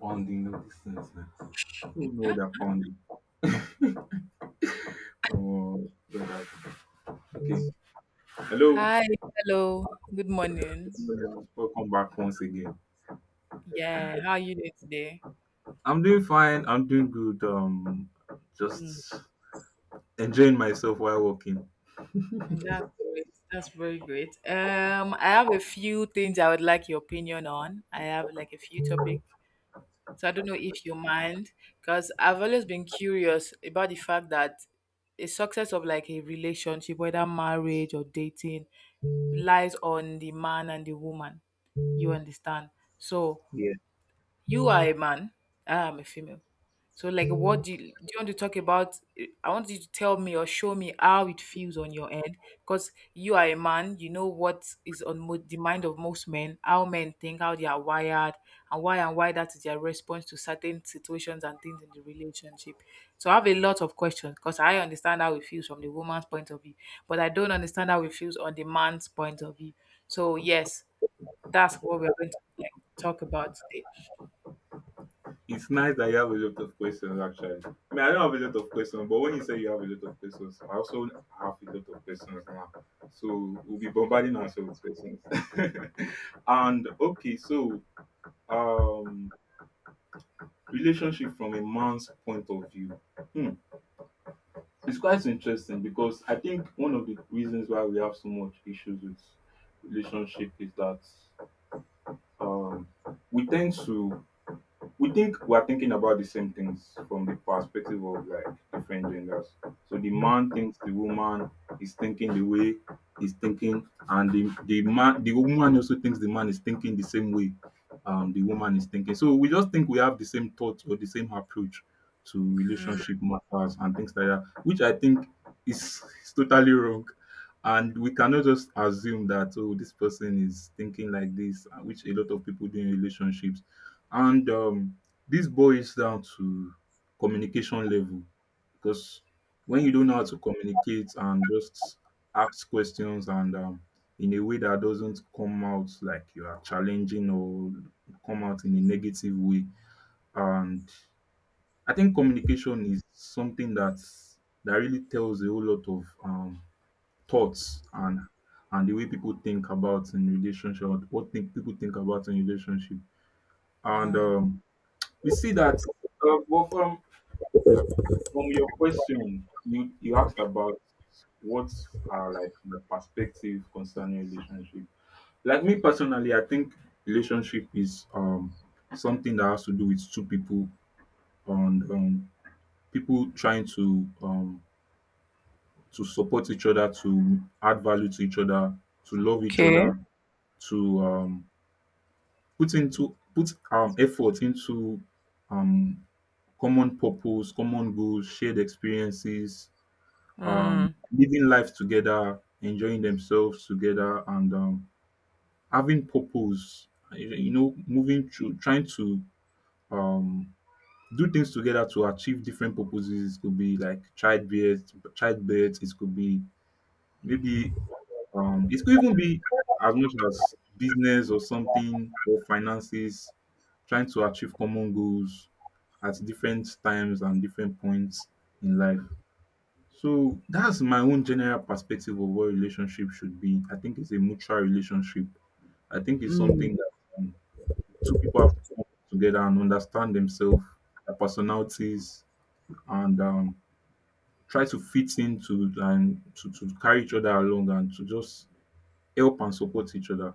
Pounding all these things now. Who know they're pounding? Oh, God. Okay. Hello. Hi, hello, good morning. Welcome back once again. Yeah, how are you doing today? I'm doing fine. I'm doing good. Mm, Just enjoying myself while walking. that's great. That's very great. I have a few things I would like your opinion on. I have like a few topics. So I don't know if you mind, because I've always been curious about the fact that a success of like a relationship, whether marriage or dating, relies on the man and the woman. You understand? So Yeah. you are a man. I am a female. So, like, what do you want to talk about? I want you to tell me or show me how it feels on your end, because you are a man. You know what is on the mind of most men, how men think, how they are wired, and why that is their response to certain situations and things in the relationship. So, I have a lot of questions because I understand how it feels from the woman's point of view, but I don't understand how it feels on the man's point of view. So, yes, that's what we're going to like talk about today. It's nice that you have a lot of questions, actually. I mean, I don't have a lot of questions, but when you say you have a lot of questions, I also have a lot of questions now. So we'll be bombarding ourselves with questions. and okay, so um relationship from a man's point of view. Hmm. It's quite interesting because I think one of the reasons why we have so much issues with relationship is that um, we tend to we think we are thinking about the same things from the perspective of like different genders. So the man thinks the woman is thinking the way he's thinking, and the woman also thinks the man is thinking the same way the woman is thinking. So we just think we have the same thoughts or the same approach to Mm, relationship matters and things like that, which I think is totally wrong. And we cannot just assume that oh this person is thinking like this, which a lot of people do in relationships and this boils down to communication level because when you don't know how okay. to communicate and just ask questions and in a way that doesn't come out like you are challenging or come out in a negative way, and I think communication is something that really tells a whole lot of thoughts and the way people think about in relationship, what think people think about in relationship. And we see that, well, from your question, you asked about what are like the perspective concerning relationship. Like me personally, I think relationship is something that has to do with two people and people trying to support each other, to add value to each other, to love each Okay. other, to put effort into um common purpose, common goals, shared experiences, um, Mm. living life together, enjoying themselves together, and having purpose. You know, moving through, trying to um, do things together to achieve different purposes. It could be like childbirth, childbirth. It could be maybe it could even be as much as business or something, or finances. Trying to achieve common goals at different times and different points in life. So that's my own general perspective of what relationship should be. I think it's a mutual relationship. I think it's Mm, something that um, two people have to come together and understand themselves, their personalities, and try to fit into and to carry each other along and to just help and support each other.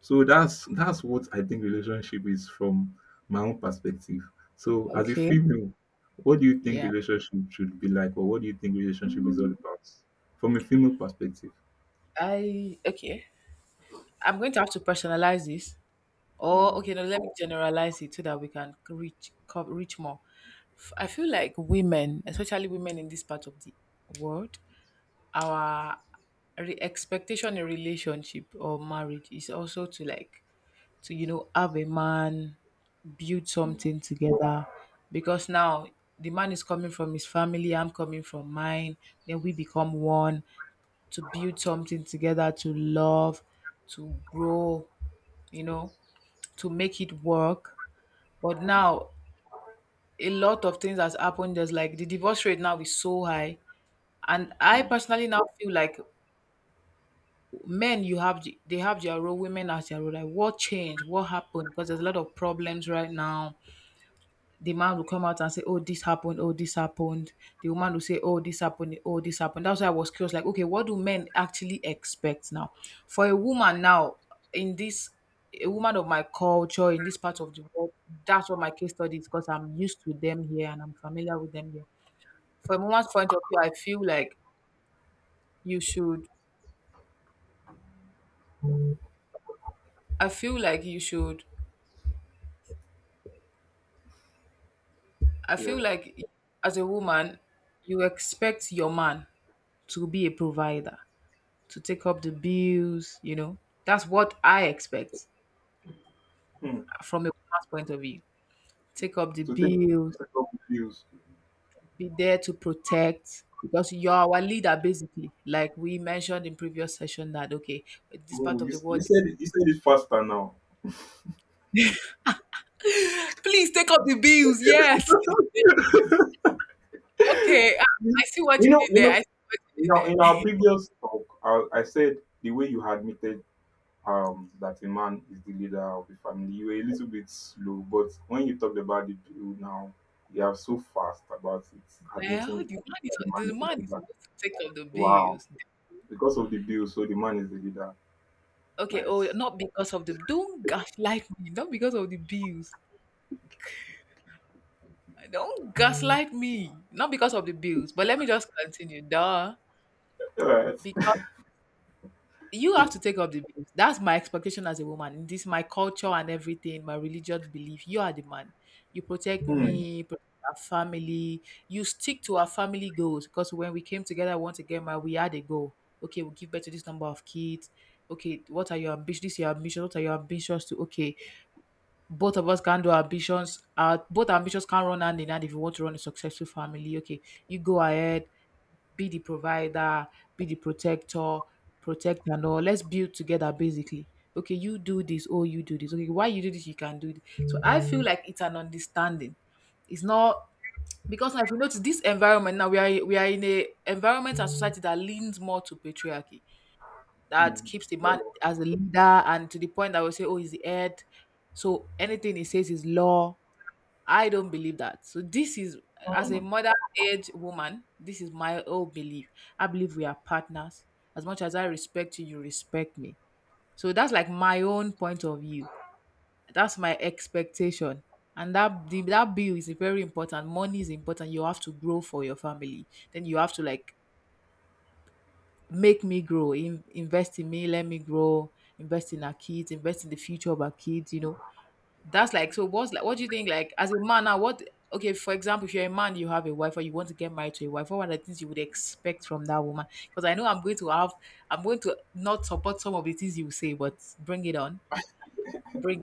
So that's what I think relationship is from my own perspective. So as a okay. female, what do you think Yeah. relationship should be like, or what do you think relationship is all Mm, about from a female perspective? I Okay. I'm going to have to personalize this. Or Mm, okay, no, let me generalize it so that we can reach more. I feel like women, especially women in this part of the world, our expectation in relationship or marriage is also to like to have a man, build something together, because now the man is coming from his family, I'm coming from mine, then we become one, to build something together, to love, to grow, you know to make it work. But mm, now a lot of things has happened. There's like the divorce rate now is so high, and I mm, personally now feel like men, they have their role, women as their role, like what changed, what happened, because there's a lot of problems right now. The man will come out and say, "Oh, this happened, oh, this happened." The woman will say, "Oh, this happened, oh, this happened." That's why I was curious, like, okay, what do men actually expect now? For a woman now, in this a woman of my culture, in this part of the world, that's what my case study is, because I'm used to them here and I'm familiar with them here. From a woman's point of view, you should I feel like you should I feel like, as a woman, you expect your man to be a provider, to take up the bills. That's what I expect mm. from a woman's point of view. Take up the So take bills, take up the views. be there to protect, because you're our leader basically. Like we mentioned in previous session that okay, this Oh, part of you, the world, you said it faster now. please take up the bills. Yes. Okay. I, I You see what you know, you did there. know, I see what you did in there. our previous talk, I said the way you admitted that a man is the leader of the family. You were a little bit slow, but when you talked about it you now, you are so fast about it, Well, admitting the man that is the the man is man the is leader. supposed to take up the Wow. bills. Because of the bill, so the man is the leader. Okay, oh, Nice. not because of the don't gaslight me, not because of the bills. Don't gaslight me. Not because of the bills, but let me just continue. Duh. All right. Because you have to take up the bills. That's my expectation as a woman. In this, my culture and everything, my religious belief. You are the man. You protect Hmm. me, protect our family. You stick to our family goals. Because when we came together once again, my we had a goal. Okay, we'll give birth to this number of kids. Okay, what are your ambitions? This is your ambition. What are your ambitions to? Okay, both of us can do ambitions. Both ambitions can run hand in hand if you want to run a successful family. Okay, you go ahead, be the provider, be the protector, protect and all. Let's build together, basically. Okay, you do this, oh, you do this. Okay, why you do this, you can do this. So I feel like it's an understanding. It's not, because now, if you notice this environment, now we are in a environment and society that leans more to patriarchy, that Hmm. keeps the So man as a leader, and to the point that we say, oh, he's the head, so anything he says is law. I don't believe that. So this is, as a mother age woman, this is my own belief. I believe we are partners. As much as I respect you, you respect me. So that's like my own point of view. That's my expectation. And that bill is very important. Money is important. You have to grow for your family. Then you have to like make me grow, invest in me, let me grow, invest in our kids, invest in the future of our kids. That's like so. What's like? What do you think? Like as a man now, what? Okay, for example, if you're a man, you have a wife, or you want to get married to a wife, what are the things you would expect from that woman? Because I know I'm going to not support some of the things you say, but bring it on, bring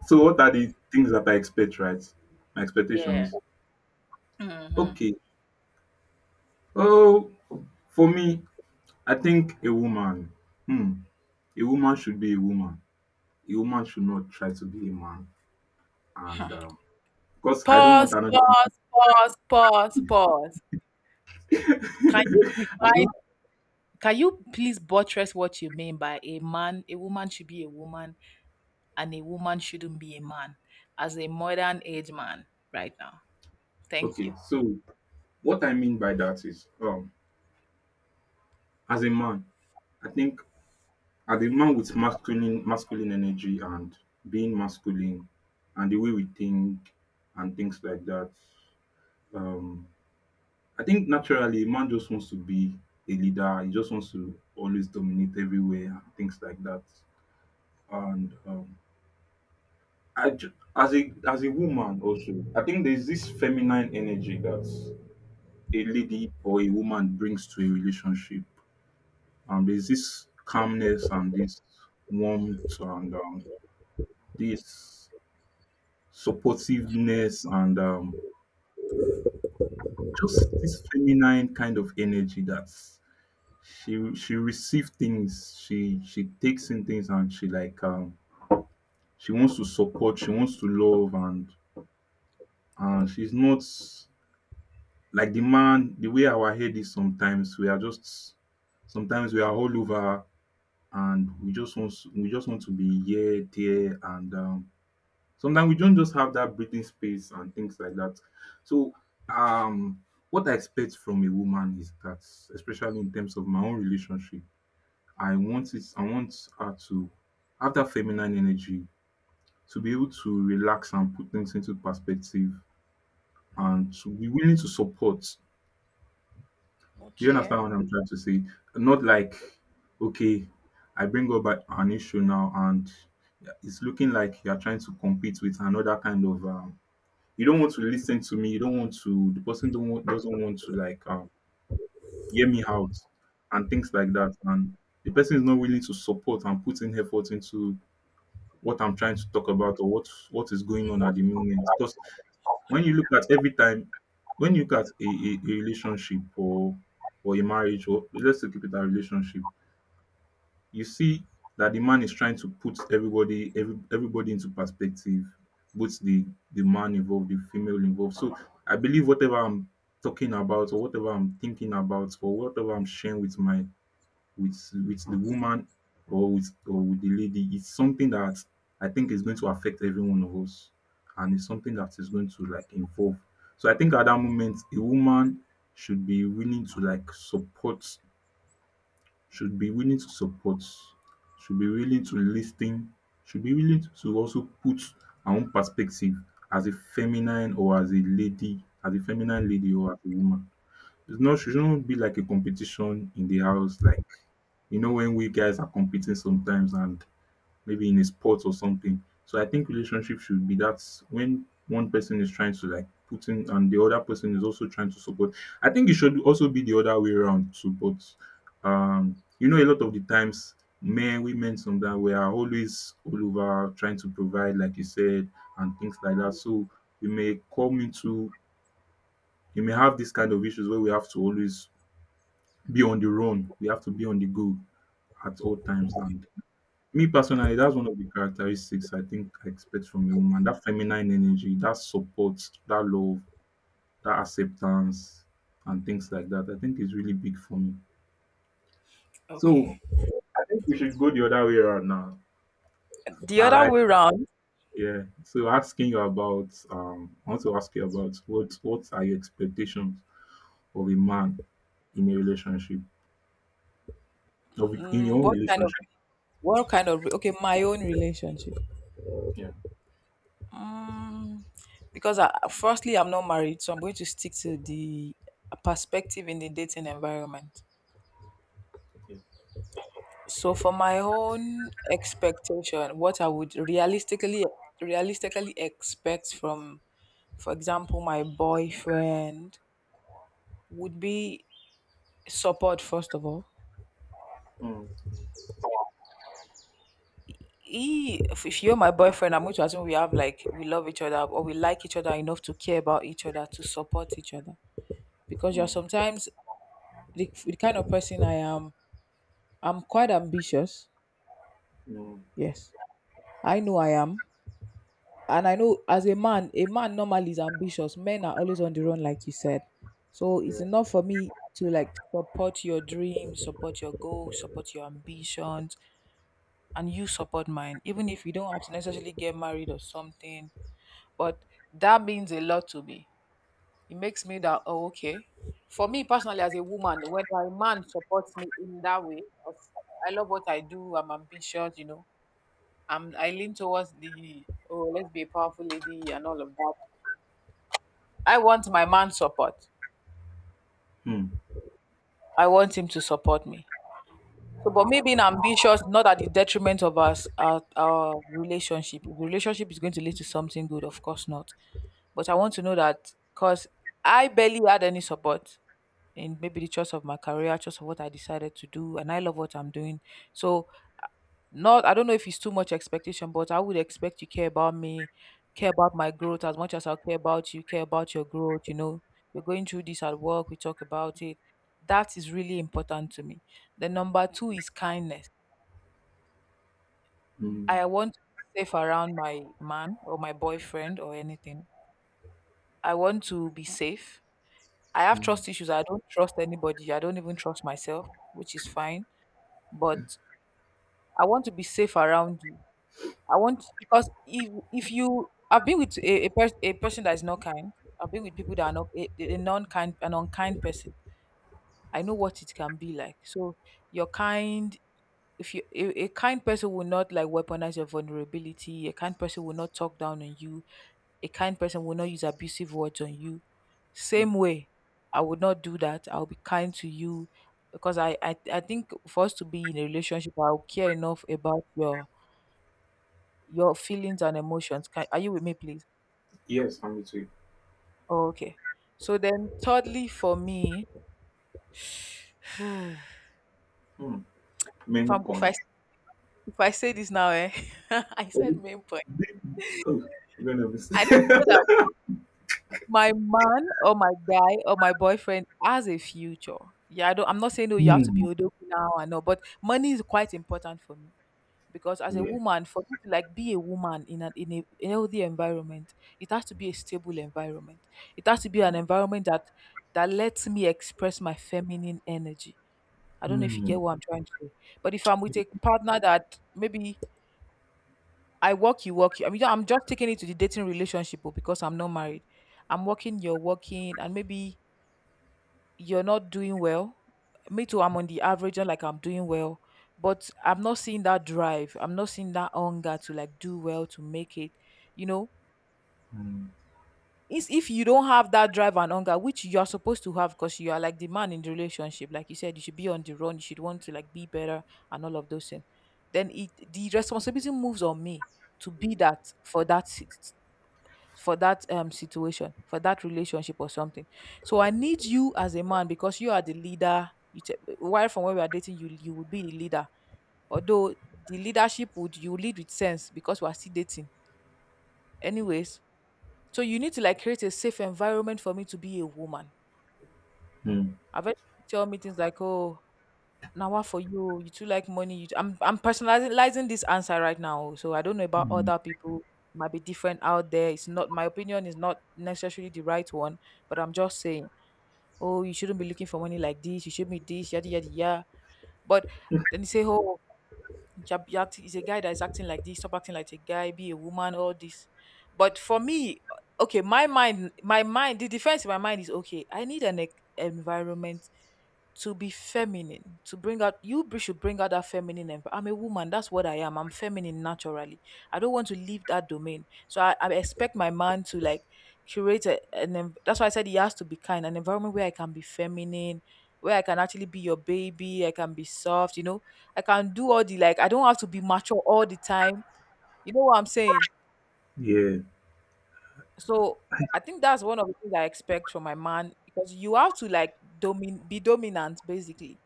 so what are the things that I expect, right? My it on. expectations. Yeah. Hmm. Okay. Oh, for me, I think a woman, hmm, a woman should be a woman. A woman should not try to be a man. And Because I don't want Pause. another. Pause. Pause. Pause. Pause. I Can you don't, define? Can you please buttress what you mean by a man? A woman should be a woman, and a woman shouldn't be a man, as a modern age man right now. Thank okay, you. so what I mean by that is, as a man, I think as a man with masculine energy and being masculine and the way we think and things like that, um, I think naturally a man just wants to be a leader. He just wants to always dominate everywhere and things like that. And as a woman also, I think there's this feminine energy that a lady or a woman brings to a relationship. There's this calmness and this warmth and this supportiveness and just this feminine kind of energy that she receives things, she takes in things and she she wants to support, she wants to love, and she's not like the man. The way our head is, sometimes we are just sometimes we are all over and we just want to be here, there, and sometimes we don't just have that breathing space and things like that. So, um, what I expect from a woman is that, especially in terms of my own relationship, I want it. I want her to have that feminine energy, to be able to relax and put things into perspective, and to be willing to support. You understand what I'm trying to say? Not like, okay, I bring up an issue now and it's looking like you're trying to compete with another kind of. You don't want to listen to me. You don't want to. The person don't want, doesn't want to like hear me out and things like that. And the person is not willing to support and put in effort into what I'm trying to talk about, or what is going on at the moment. Because when you look at every time, when you look at a relationship or a marriage, or let's look at a relationship, you see that the man is trying to put everybody everybody into perspective, both the man involved, the female involved. So I believe whatever I'm talking about, or whatever I'm thinking about, or whatever I'm sharing with my with the woman, or with the lady, it's something that I think is going to affect every one of us, and it's something that is going to like involve. So I think at that moment a woman should be willing to like support should be willing to support, should be willing to listen, should be willing to also put her own perspective as a feminine, or as a lady, as a feminine lady, or as a woman. It's not shouldn't be like a competition in the house, like, you know, when we guys are competing sometimes, and maybe in a sport or something. So I think relationship should be that when one person is trying to like put in, and the other person is also trying to support. I think it should also be the other way around too, but you know, a lot of the times men, women, sometimes we are always all over trying to provide like you said and things like that. So we may come into, you may have this kind of issues where we have to always be on the run. We have to be on the go at all times. And me personally, that's one of the characteristics I think I expect from a woman. That feminine energy, that support, that love, that acceptance, and things like that. I think is really big for me. So Okay. I think we should go the other way around now. The All other right. way round. Yeah. So asking you about I want to ask you about what are your expectations of a man in a relationship? Of in your mm, own what kind of relationship. what kind of okay, my own relationship. Yeah. Mm, because I'm not married, so I'm going to stick to the perspective in the dating environment. Yeah. So for my own expectation, what I would realistically expect from, for example, my boyfriend would be support first of all. Mm, He, if, if you're my boyfriend, I'm going to assume we have like we love each other or we like each other enough to care about each other, to support each other. Because you're mm, sometimes, the kind of person I am. I'm quite ambitious. mm, Yes, I know I am, and I know as a man, normally is ambitious. Men are always on the run, like you said. So yeah. it's enough for me to like support your dreams, support your goals, support your ambitions, and you support mine. Even if we don't have to necessarily get married or something, but that means a lot to me. It makes me that, oh, okay. For me personally, as a woman, when my man supports me in that way, of, I love what I do. I'm ambitious. I lean towards the, oh, let's be a powerful lady and all of that. I want my man's support. Hmm. I want him to support me. So, but me being ambitious, not at the detriment of us, our relationship. If the relationship is going to lead to something good, of course not. But I want to know that, because I barely had any support in maybe the choice of my career, choice of what I decided to do, and I love what I'm doing. So, uh, not I don't know if it's too much expectation, but I would expect you care about me, care about my growth as much as I care about you, care about your growth. You know, we're going through this at work, we talk about it. That is really important to me. The number two is kindness. Hmm. I want to be safe around my man or my boyfriend or anything. I want to be safe. I have Mm, trust issues. I don't trust anybody. I don't even trust myself, which is fine. But I want to be safe around you. I want, because if you I've been with a person that is not kind. I've been with people that are not a, a non kind an unkind person. I know what it can be like. So you're kind. If a kind person will not like weaponize your vulnerability, a kind person will not talk down on you. A kind person will not use abusive words on you. mm. Same way, I would not do that. I'll be kind to you because I think for us to be in a relationship, I'll care enough about your feelings and emotions. Are you with me, please? Yes, I'm with you. Oh, okay. So then, thirdly, for me, if, Hmm. Main I'm, if I point. if I say this now, I said Oh, main point. the- oh, I'm gonna miss. I need to know that my man or my guy or my boyfriend has a future. Yeah, I'm not saying oh you have to be Hmm. odoku now and all, but money is quite important for me because as a Yeah. woman, for me to like be a woman in a healthy environment, it has to be a stable environment. It has to be an environment that lets me express my feminine energy. I don't know if you Hmm. get what I'm trying to say, but if I'm with a partner that maybe I work, you work, you. I mean, I'm just taking it to the dating relationship oh, because I'm not married. I'm working, you're working, and maybe you're not doing well. Me too, I'm on the average, not like I'm doing well. But I'm not seeing that drive. I'm not seeing that hunger to like do well to make it. You know, Hmm. it's if you don't have that drive and hunger, which you are supposed to have because you are like the man in the relationship. Like you said, you should be on the run, you should want to like be better and all of those things. Then it the responsibility moves on me to be that for that situation for that relationship or something. So I need you as a man because you are the leader, while from when we are dating, you will be the leader, although the leadership, would you lead with sense because we are still dating, anyways. So you need to like create a safe environment for me to be a woman. Hmm. I've had people tell me things like, oh, now what for you too like money you, I'm personalizing this answer right now oh. So I don't know about Mm. other people, might be different out there, it's not, my opinion is not necessarily the right one, but I'm just saying, oh, you shouldn't be looking for money like this, you should be this, yada yada yada. But then you say, oh, you're acting, it's a guy that's acting like this, stop acting like a guy, be a woman, all this. But for me, okay, my mind, the defense in my mind is okay. I need environment to be feminine, to bring out, should bring out that feminine I'm a woman, that's what I am, I'm feminine naturally. I don't want to leave that domain, I expect my man to like curate that's why I said he has to be kind, an environment where I can be feminine, where I can actually be your baby, I can be soft, I can do all the, like, I don't have to be mature all the time, you know what I'm saying? Yeah. So I think that's one of the things I expect from my man, because you have to like domin be dominant, basically.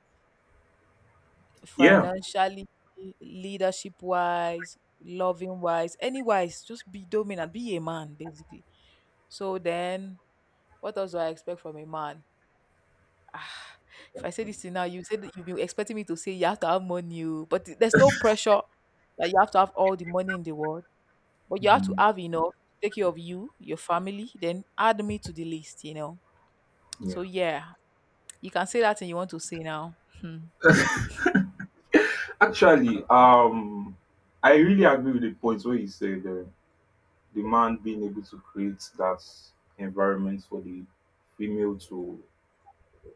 Yeah. Financially, leadership wise, loving wise, any wise, just be dominant, be a man basically. So then, what else do I expect from a man? Ah, if I say this thing now, you said that you've been expecting me to say you have to have money, oh, but there's no pressure that you have to have all the money in the world, but you have to Mm, have enough to take care of you, your family, then add me to the list. So, yeah. yeah, you can say that and you want to say now. Hmm. Actually, I really agree with the points where you said the man being able to create that environment for the female to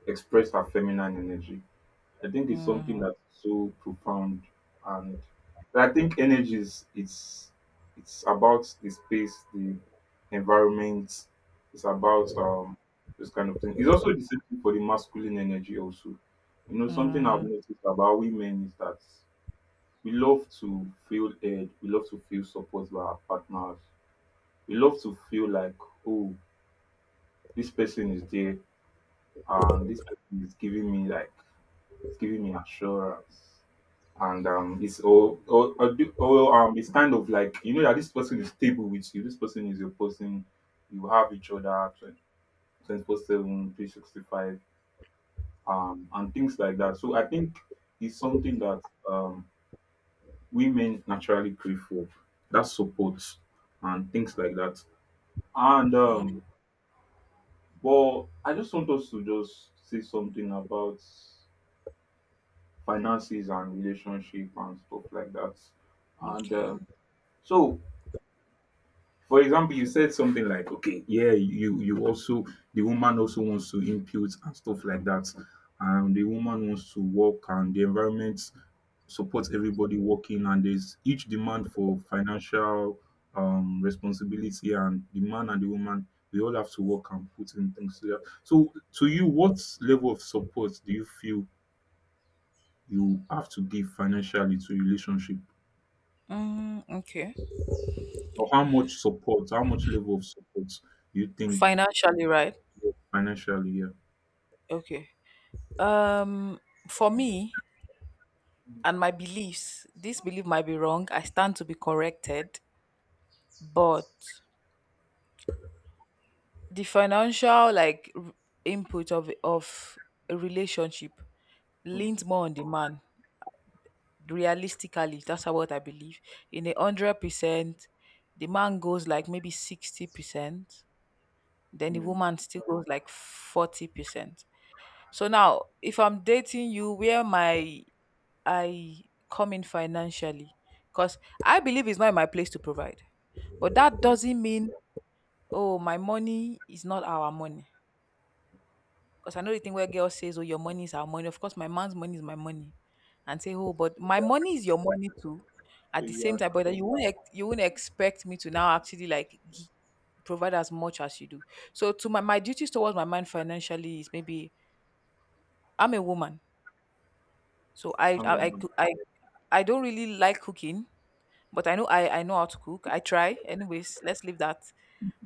express her feminine energy. I think it's something Mm, that's so profound, and I think energy is it's about the space, the environment. It's about this kind of thing. It's also the same thing for the masculine energy also. Something I've mm, noticed about women is that we love to feel heard, we love to feel supported by our partners, we love to feel like, oh, this person is there and this person is giving me like it's giving me assurance, and it's all or, do- or it's kind of like you know that this person is stable with you, this person is your person, you have each other 24/7, 365. And things like that, so I think it's something that um women naturally crave for, that support and things like that, and mm, but I just want us to just say something about finances and relationship and stuff like that, and okay. So, for example, you said something like, okay, yeah, you also the woman also wants to impute and stuff like that, and the woman wants to work, and the environment supports everybody working, and there's each demand for financial responsibility, and the man and the woman, we all have to work and put in things together. So to you, what level of support do you feel you have to give financially to relationship? Mm, okay. Or how much support, how much level of support you think? Financially, right? Financially, year. Okay. Um, for me and my beliefs, this belief might be wrong. I stand to be corrected, but the financial, like, input of a relationship Mm, leans more on the man. Realistically, that's how what I believe. In 100%, the man goes like maybe 60%, then the mm, woman still goes like 40%. So now, if I'm dating you, where my I come in financially, because I believe it's not my place to provide. But that yeah, doesn't mean, oh, my money is not our money. Because I know the thing where girls says, oh, your money is our money. Of course, my man's money is my money. And say, oh, but my yeah, money is your money too. At the same yeah. time, but you won't expect me to now actually like provide as much as you do. So to, my duties towards my man financially is maybe, I'm a woman, so I I I I, mean, coo- I I don't really like cooking. But I know I know how to cook. I try. Anyways, let's leave that.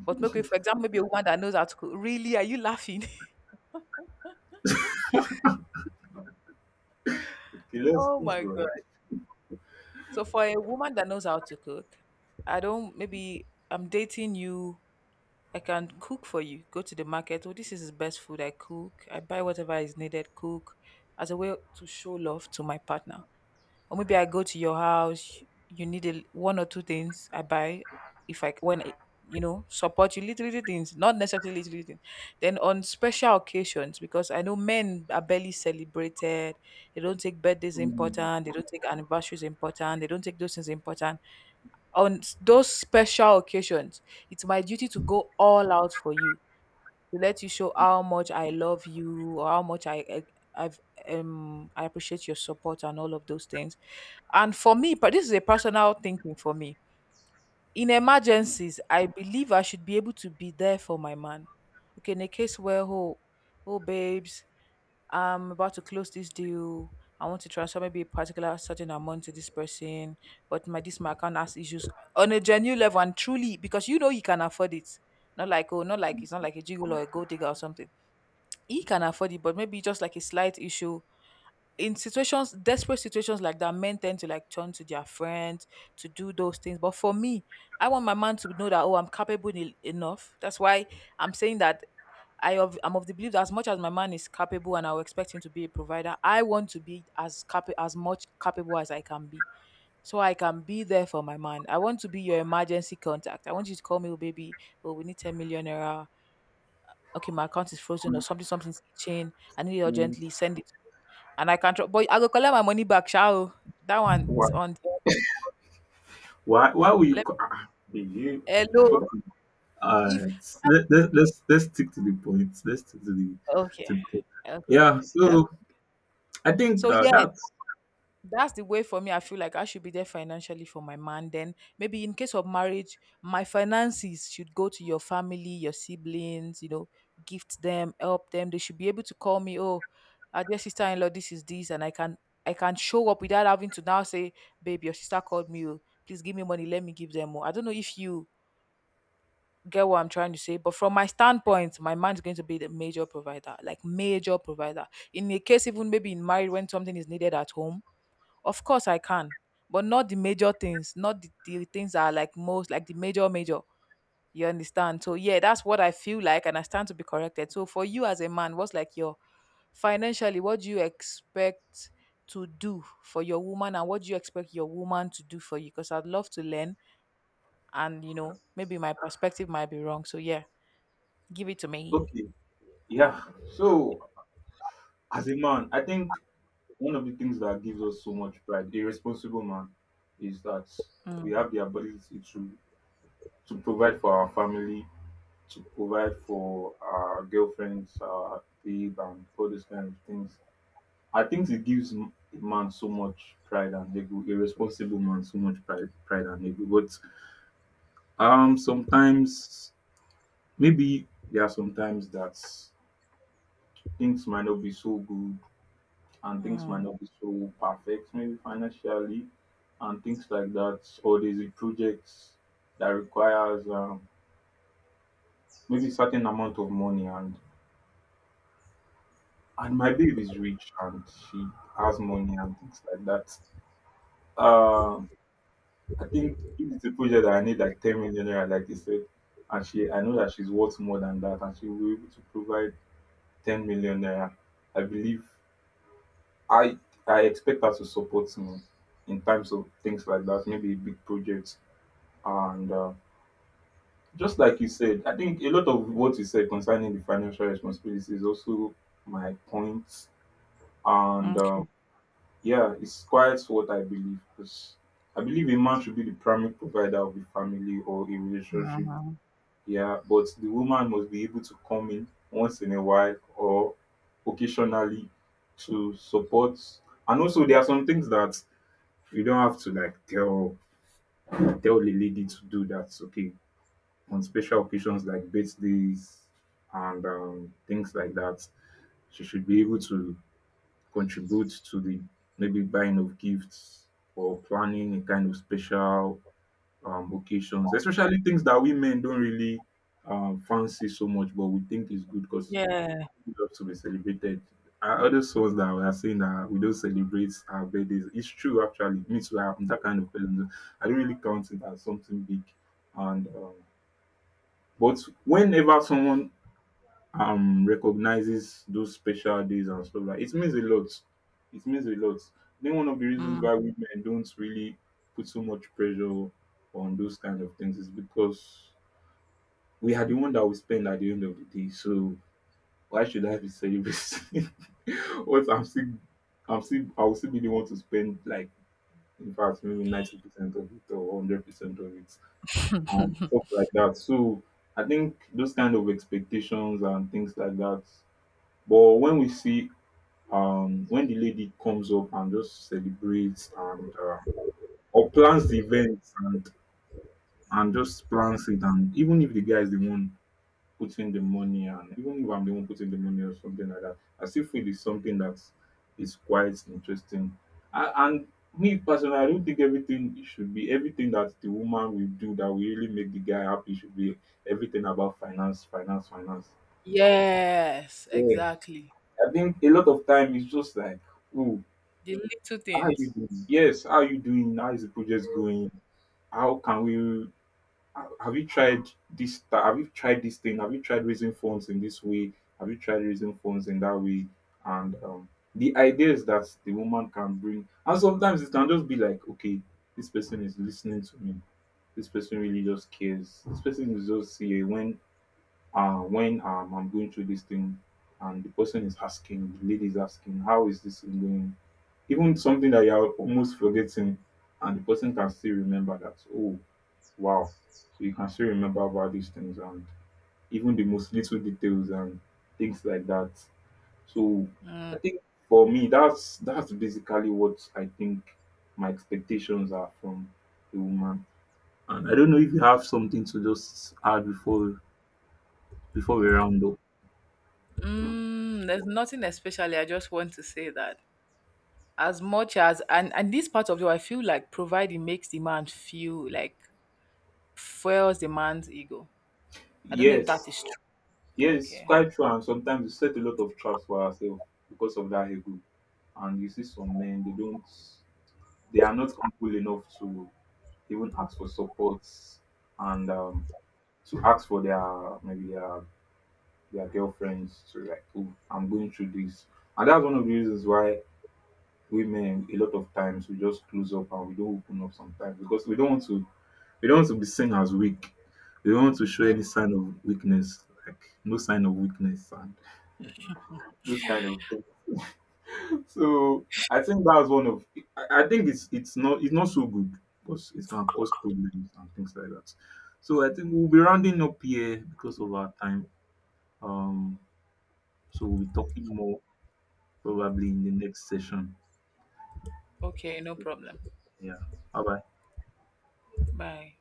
But maybe, for example, maybe a woman that knows how to cook. Really, are you laughing? okay, let's Oh let's my go god. right. So for a woman that knows how to cook, I don't maybe I'm dating you, I can cook for you. Go to the market. Oh, this is his best food. I cook. I buy whatever is needed. Cook as a way to show love to my partner. Or maybe I go to your house. You need one or two things. I buy, if I when I- support you, little little things, not necessarily little little things. Then on special occasions, because I know men are barely celebrated. They don't take birthdays Mm, important. They don't take anniversaries important. They don't take those things important. On those special occasions, it's my duty to go all out for you, to let you show how much I love you or how much I've I appreciate your support and all of those things. And for me, but this is a personal thinking for me. In mm, emergencies, I believe I should be able to be there for my man. Okay, in a case where, oh, oh, babes, I'm about to close this deal. I want to transfer maybe a particular certain amount to this person, but my account has issues on a genuine level, and truly, because you know he can afford it. Not like oh, not like it's not like a jiggle or a gold digger or something. He can afford it, but maybe just like a slight issue. In situations desperate situations like that, men tend to like turn to their friends to do those things. But for me, I want my man to know that, oh, I'm capable enough. That's why I'm saying that, I'm of the belief that, as much as my man is capable and I'll expect him to be a provider, I want to be as much capable as I can be, so I can be there for my man. I want to be your emergency contact. I want you to call me, oh baby, oh, we need 10 million naira, okay, my account is frozen or something, something's chain, I need it urgently, yes. send it to me. And I can't, but I go collect my money back, shall. That one Why, is on the, why will you? let, Ah, hey, hello. okay. All If, right, let's stick to the point. Let's stick to the okay, point. okay, Yeah. So okay. I think So, yeah, that's. that's the way for me. I feel like I should be there financially for my man. Then maybe in case of marriage, my finances should go to your family, your siblings, gift them, help them. They should be able to call me, oh, our dear sister in law, this is this, and I can show up without having to now say, babe, your sister called me, oh, please give me money, let me give them more. I don't know if you get what I'm trying to say, but from my standpoint, my man's going to be the major provider, like major provider. In a case even maybe in marriage when something is needed at home, of course I can, but not the major things, not the things that are like most like the major major. You understand? So yeah, that's what I feel like, and I stand to be corrected. So for you as a man, what's like your financially, what do you expect to do for your woman and what do you expect your woman to do for you? Because I'd love to learn, and maybe my perspective might be wrong. So yeah, give it to me. Okay. Yeah. So, as a man, I think one of the things that gives us so much pride, a responsible man, is that we Mm. have the ability to provide for our family, to provide for our girlfriends, our babe, and all those kind of things. I think it gives a man so much pride and ego, a responsible man so much pride, pride and ego. But sometimes, maybe there are sometimes that things might not be so good and things might Mm. not be so perfect, maybe financially and things like that, or there's a project that requires maybe certain amount of money, and my babe is rich and she has money and things like that. Um, I think if it's a project that I need like 10 million naira, like you said, and she, I know that she's worth more than that, and she will be able to provide 10 million naira. I believe I I expect her to support me in times of things like that, maybe a big project. And just like you said, I think a lot of what you said concerning the financial responsibility is also my point. And Okay. yeah, it's quite what I believe, because I believe a man should be the primary provider of the family or a relationship. Mhm. Yeah, but the woman must be able to come in once in a while or occasionally to support. And also, there are some things that you don't have to like tell the lady to do. That's okay on special occasions like birthdays and things like that. She should be able to contribute to the maybe buying of gifts or planning a kind of special occasions, especially things that we men don't really fancy so much, but we think is good because Yeah. we love to be celebrated. Our other souls that we are saying that we don't celebrate our birthdays, it's true actually. Me too, I'm that kind of person. I don't really count it as something big. And but whenever someone recognizes those special days and stuff, like, it means a lot. It means a lot. Then one of the reasons Mm. why women don't really put so much pressure on those kind of things is because we are the one that we spend at the end of the day. So why should I be celebrating what I'll still be the one to spend, like, in fact maybe 90% of it or 100% of it and stuff like that. So I think those kind of expectations and things like that. But when we see when the lady comes up and just celebrates and or plans the event, and just plans it, and even if the guy is the one putting the money, and even if I'm the one putting the money or something like that, I still feel it's something that is quite interesting. And me personally, I don't think everything should be, everything that the woman will do that will really make the guy happy should be everything about finance, finance, finance. Yes, Yeah, exactly. I think a lot of time it's just like, oh, The little how are you things. doing? Yes, how are you doing? How is the project going? How can we? Have you tried this? Have you tried this thing? Have you tried raising funds in this way? Have you tried raising funds in that way? And the ideas that the woman can bring, and sometimes it can just be like, okay, this person is listening to me. This person really just cares. This person is just here when I'm going through this thing, and the person is asking, the lady is asking, how is this thing going? Even something that you're almost forgetting, and the person can still remember that, oh, wow. So you can still remember about these things, and even the most little details and things like that. So I think, for me, that's basically what I think my expectations are from a woman. And I don't know if you have something to just add before we round up. Mm, there's nothing especially. I just want to say that, as much as, and this part of you, I feel like providing makes the man feel like, fuels the man's ego. I don't know if that Yes. is true. Yes, it's Okay. quite true, and sometimes we set a lot of traps for ourselves because of that ego. And you see some men, they don't, they are not humble enough to even ask for support, and to ask for their maybe their girlfriends to like, oh, I'm going through this. And that's one of the reasons why women, a lot of times, we just close up and we don't open up sometimes, because we don't want to be seen as weak. We don't want to show Mm, any sign of weakness, like no sign of weakness and those kind of things. So I think that's one of, I think it's not so good, because it can cause problems and things like that. So I think we'll be rounding up here because of our time. Um so we'll be talking more probably in the next session. okay, no problem. Yeah. Bye bye. Bye.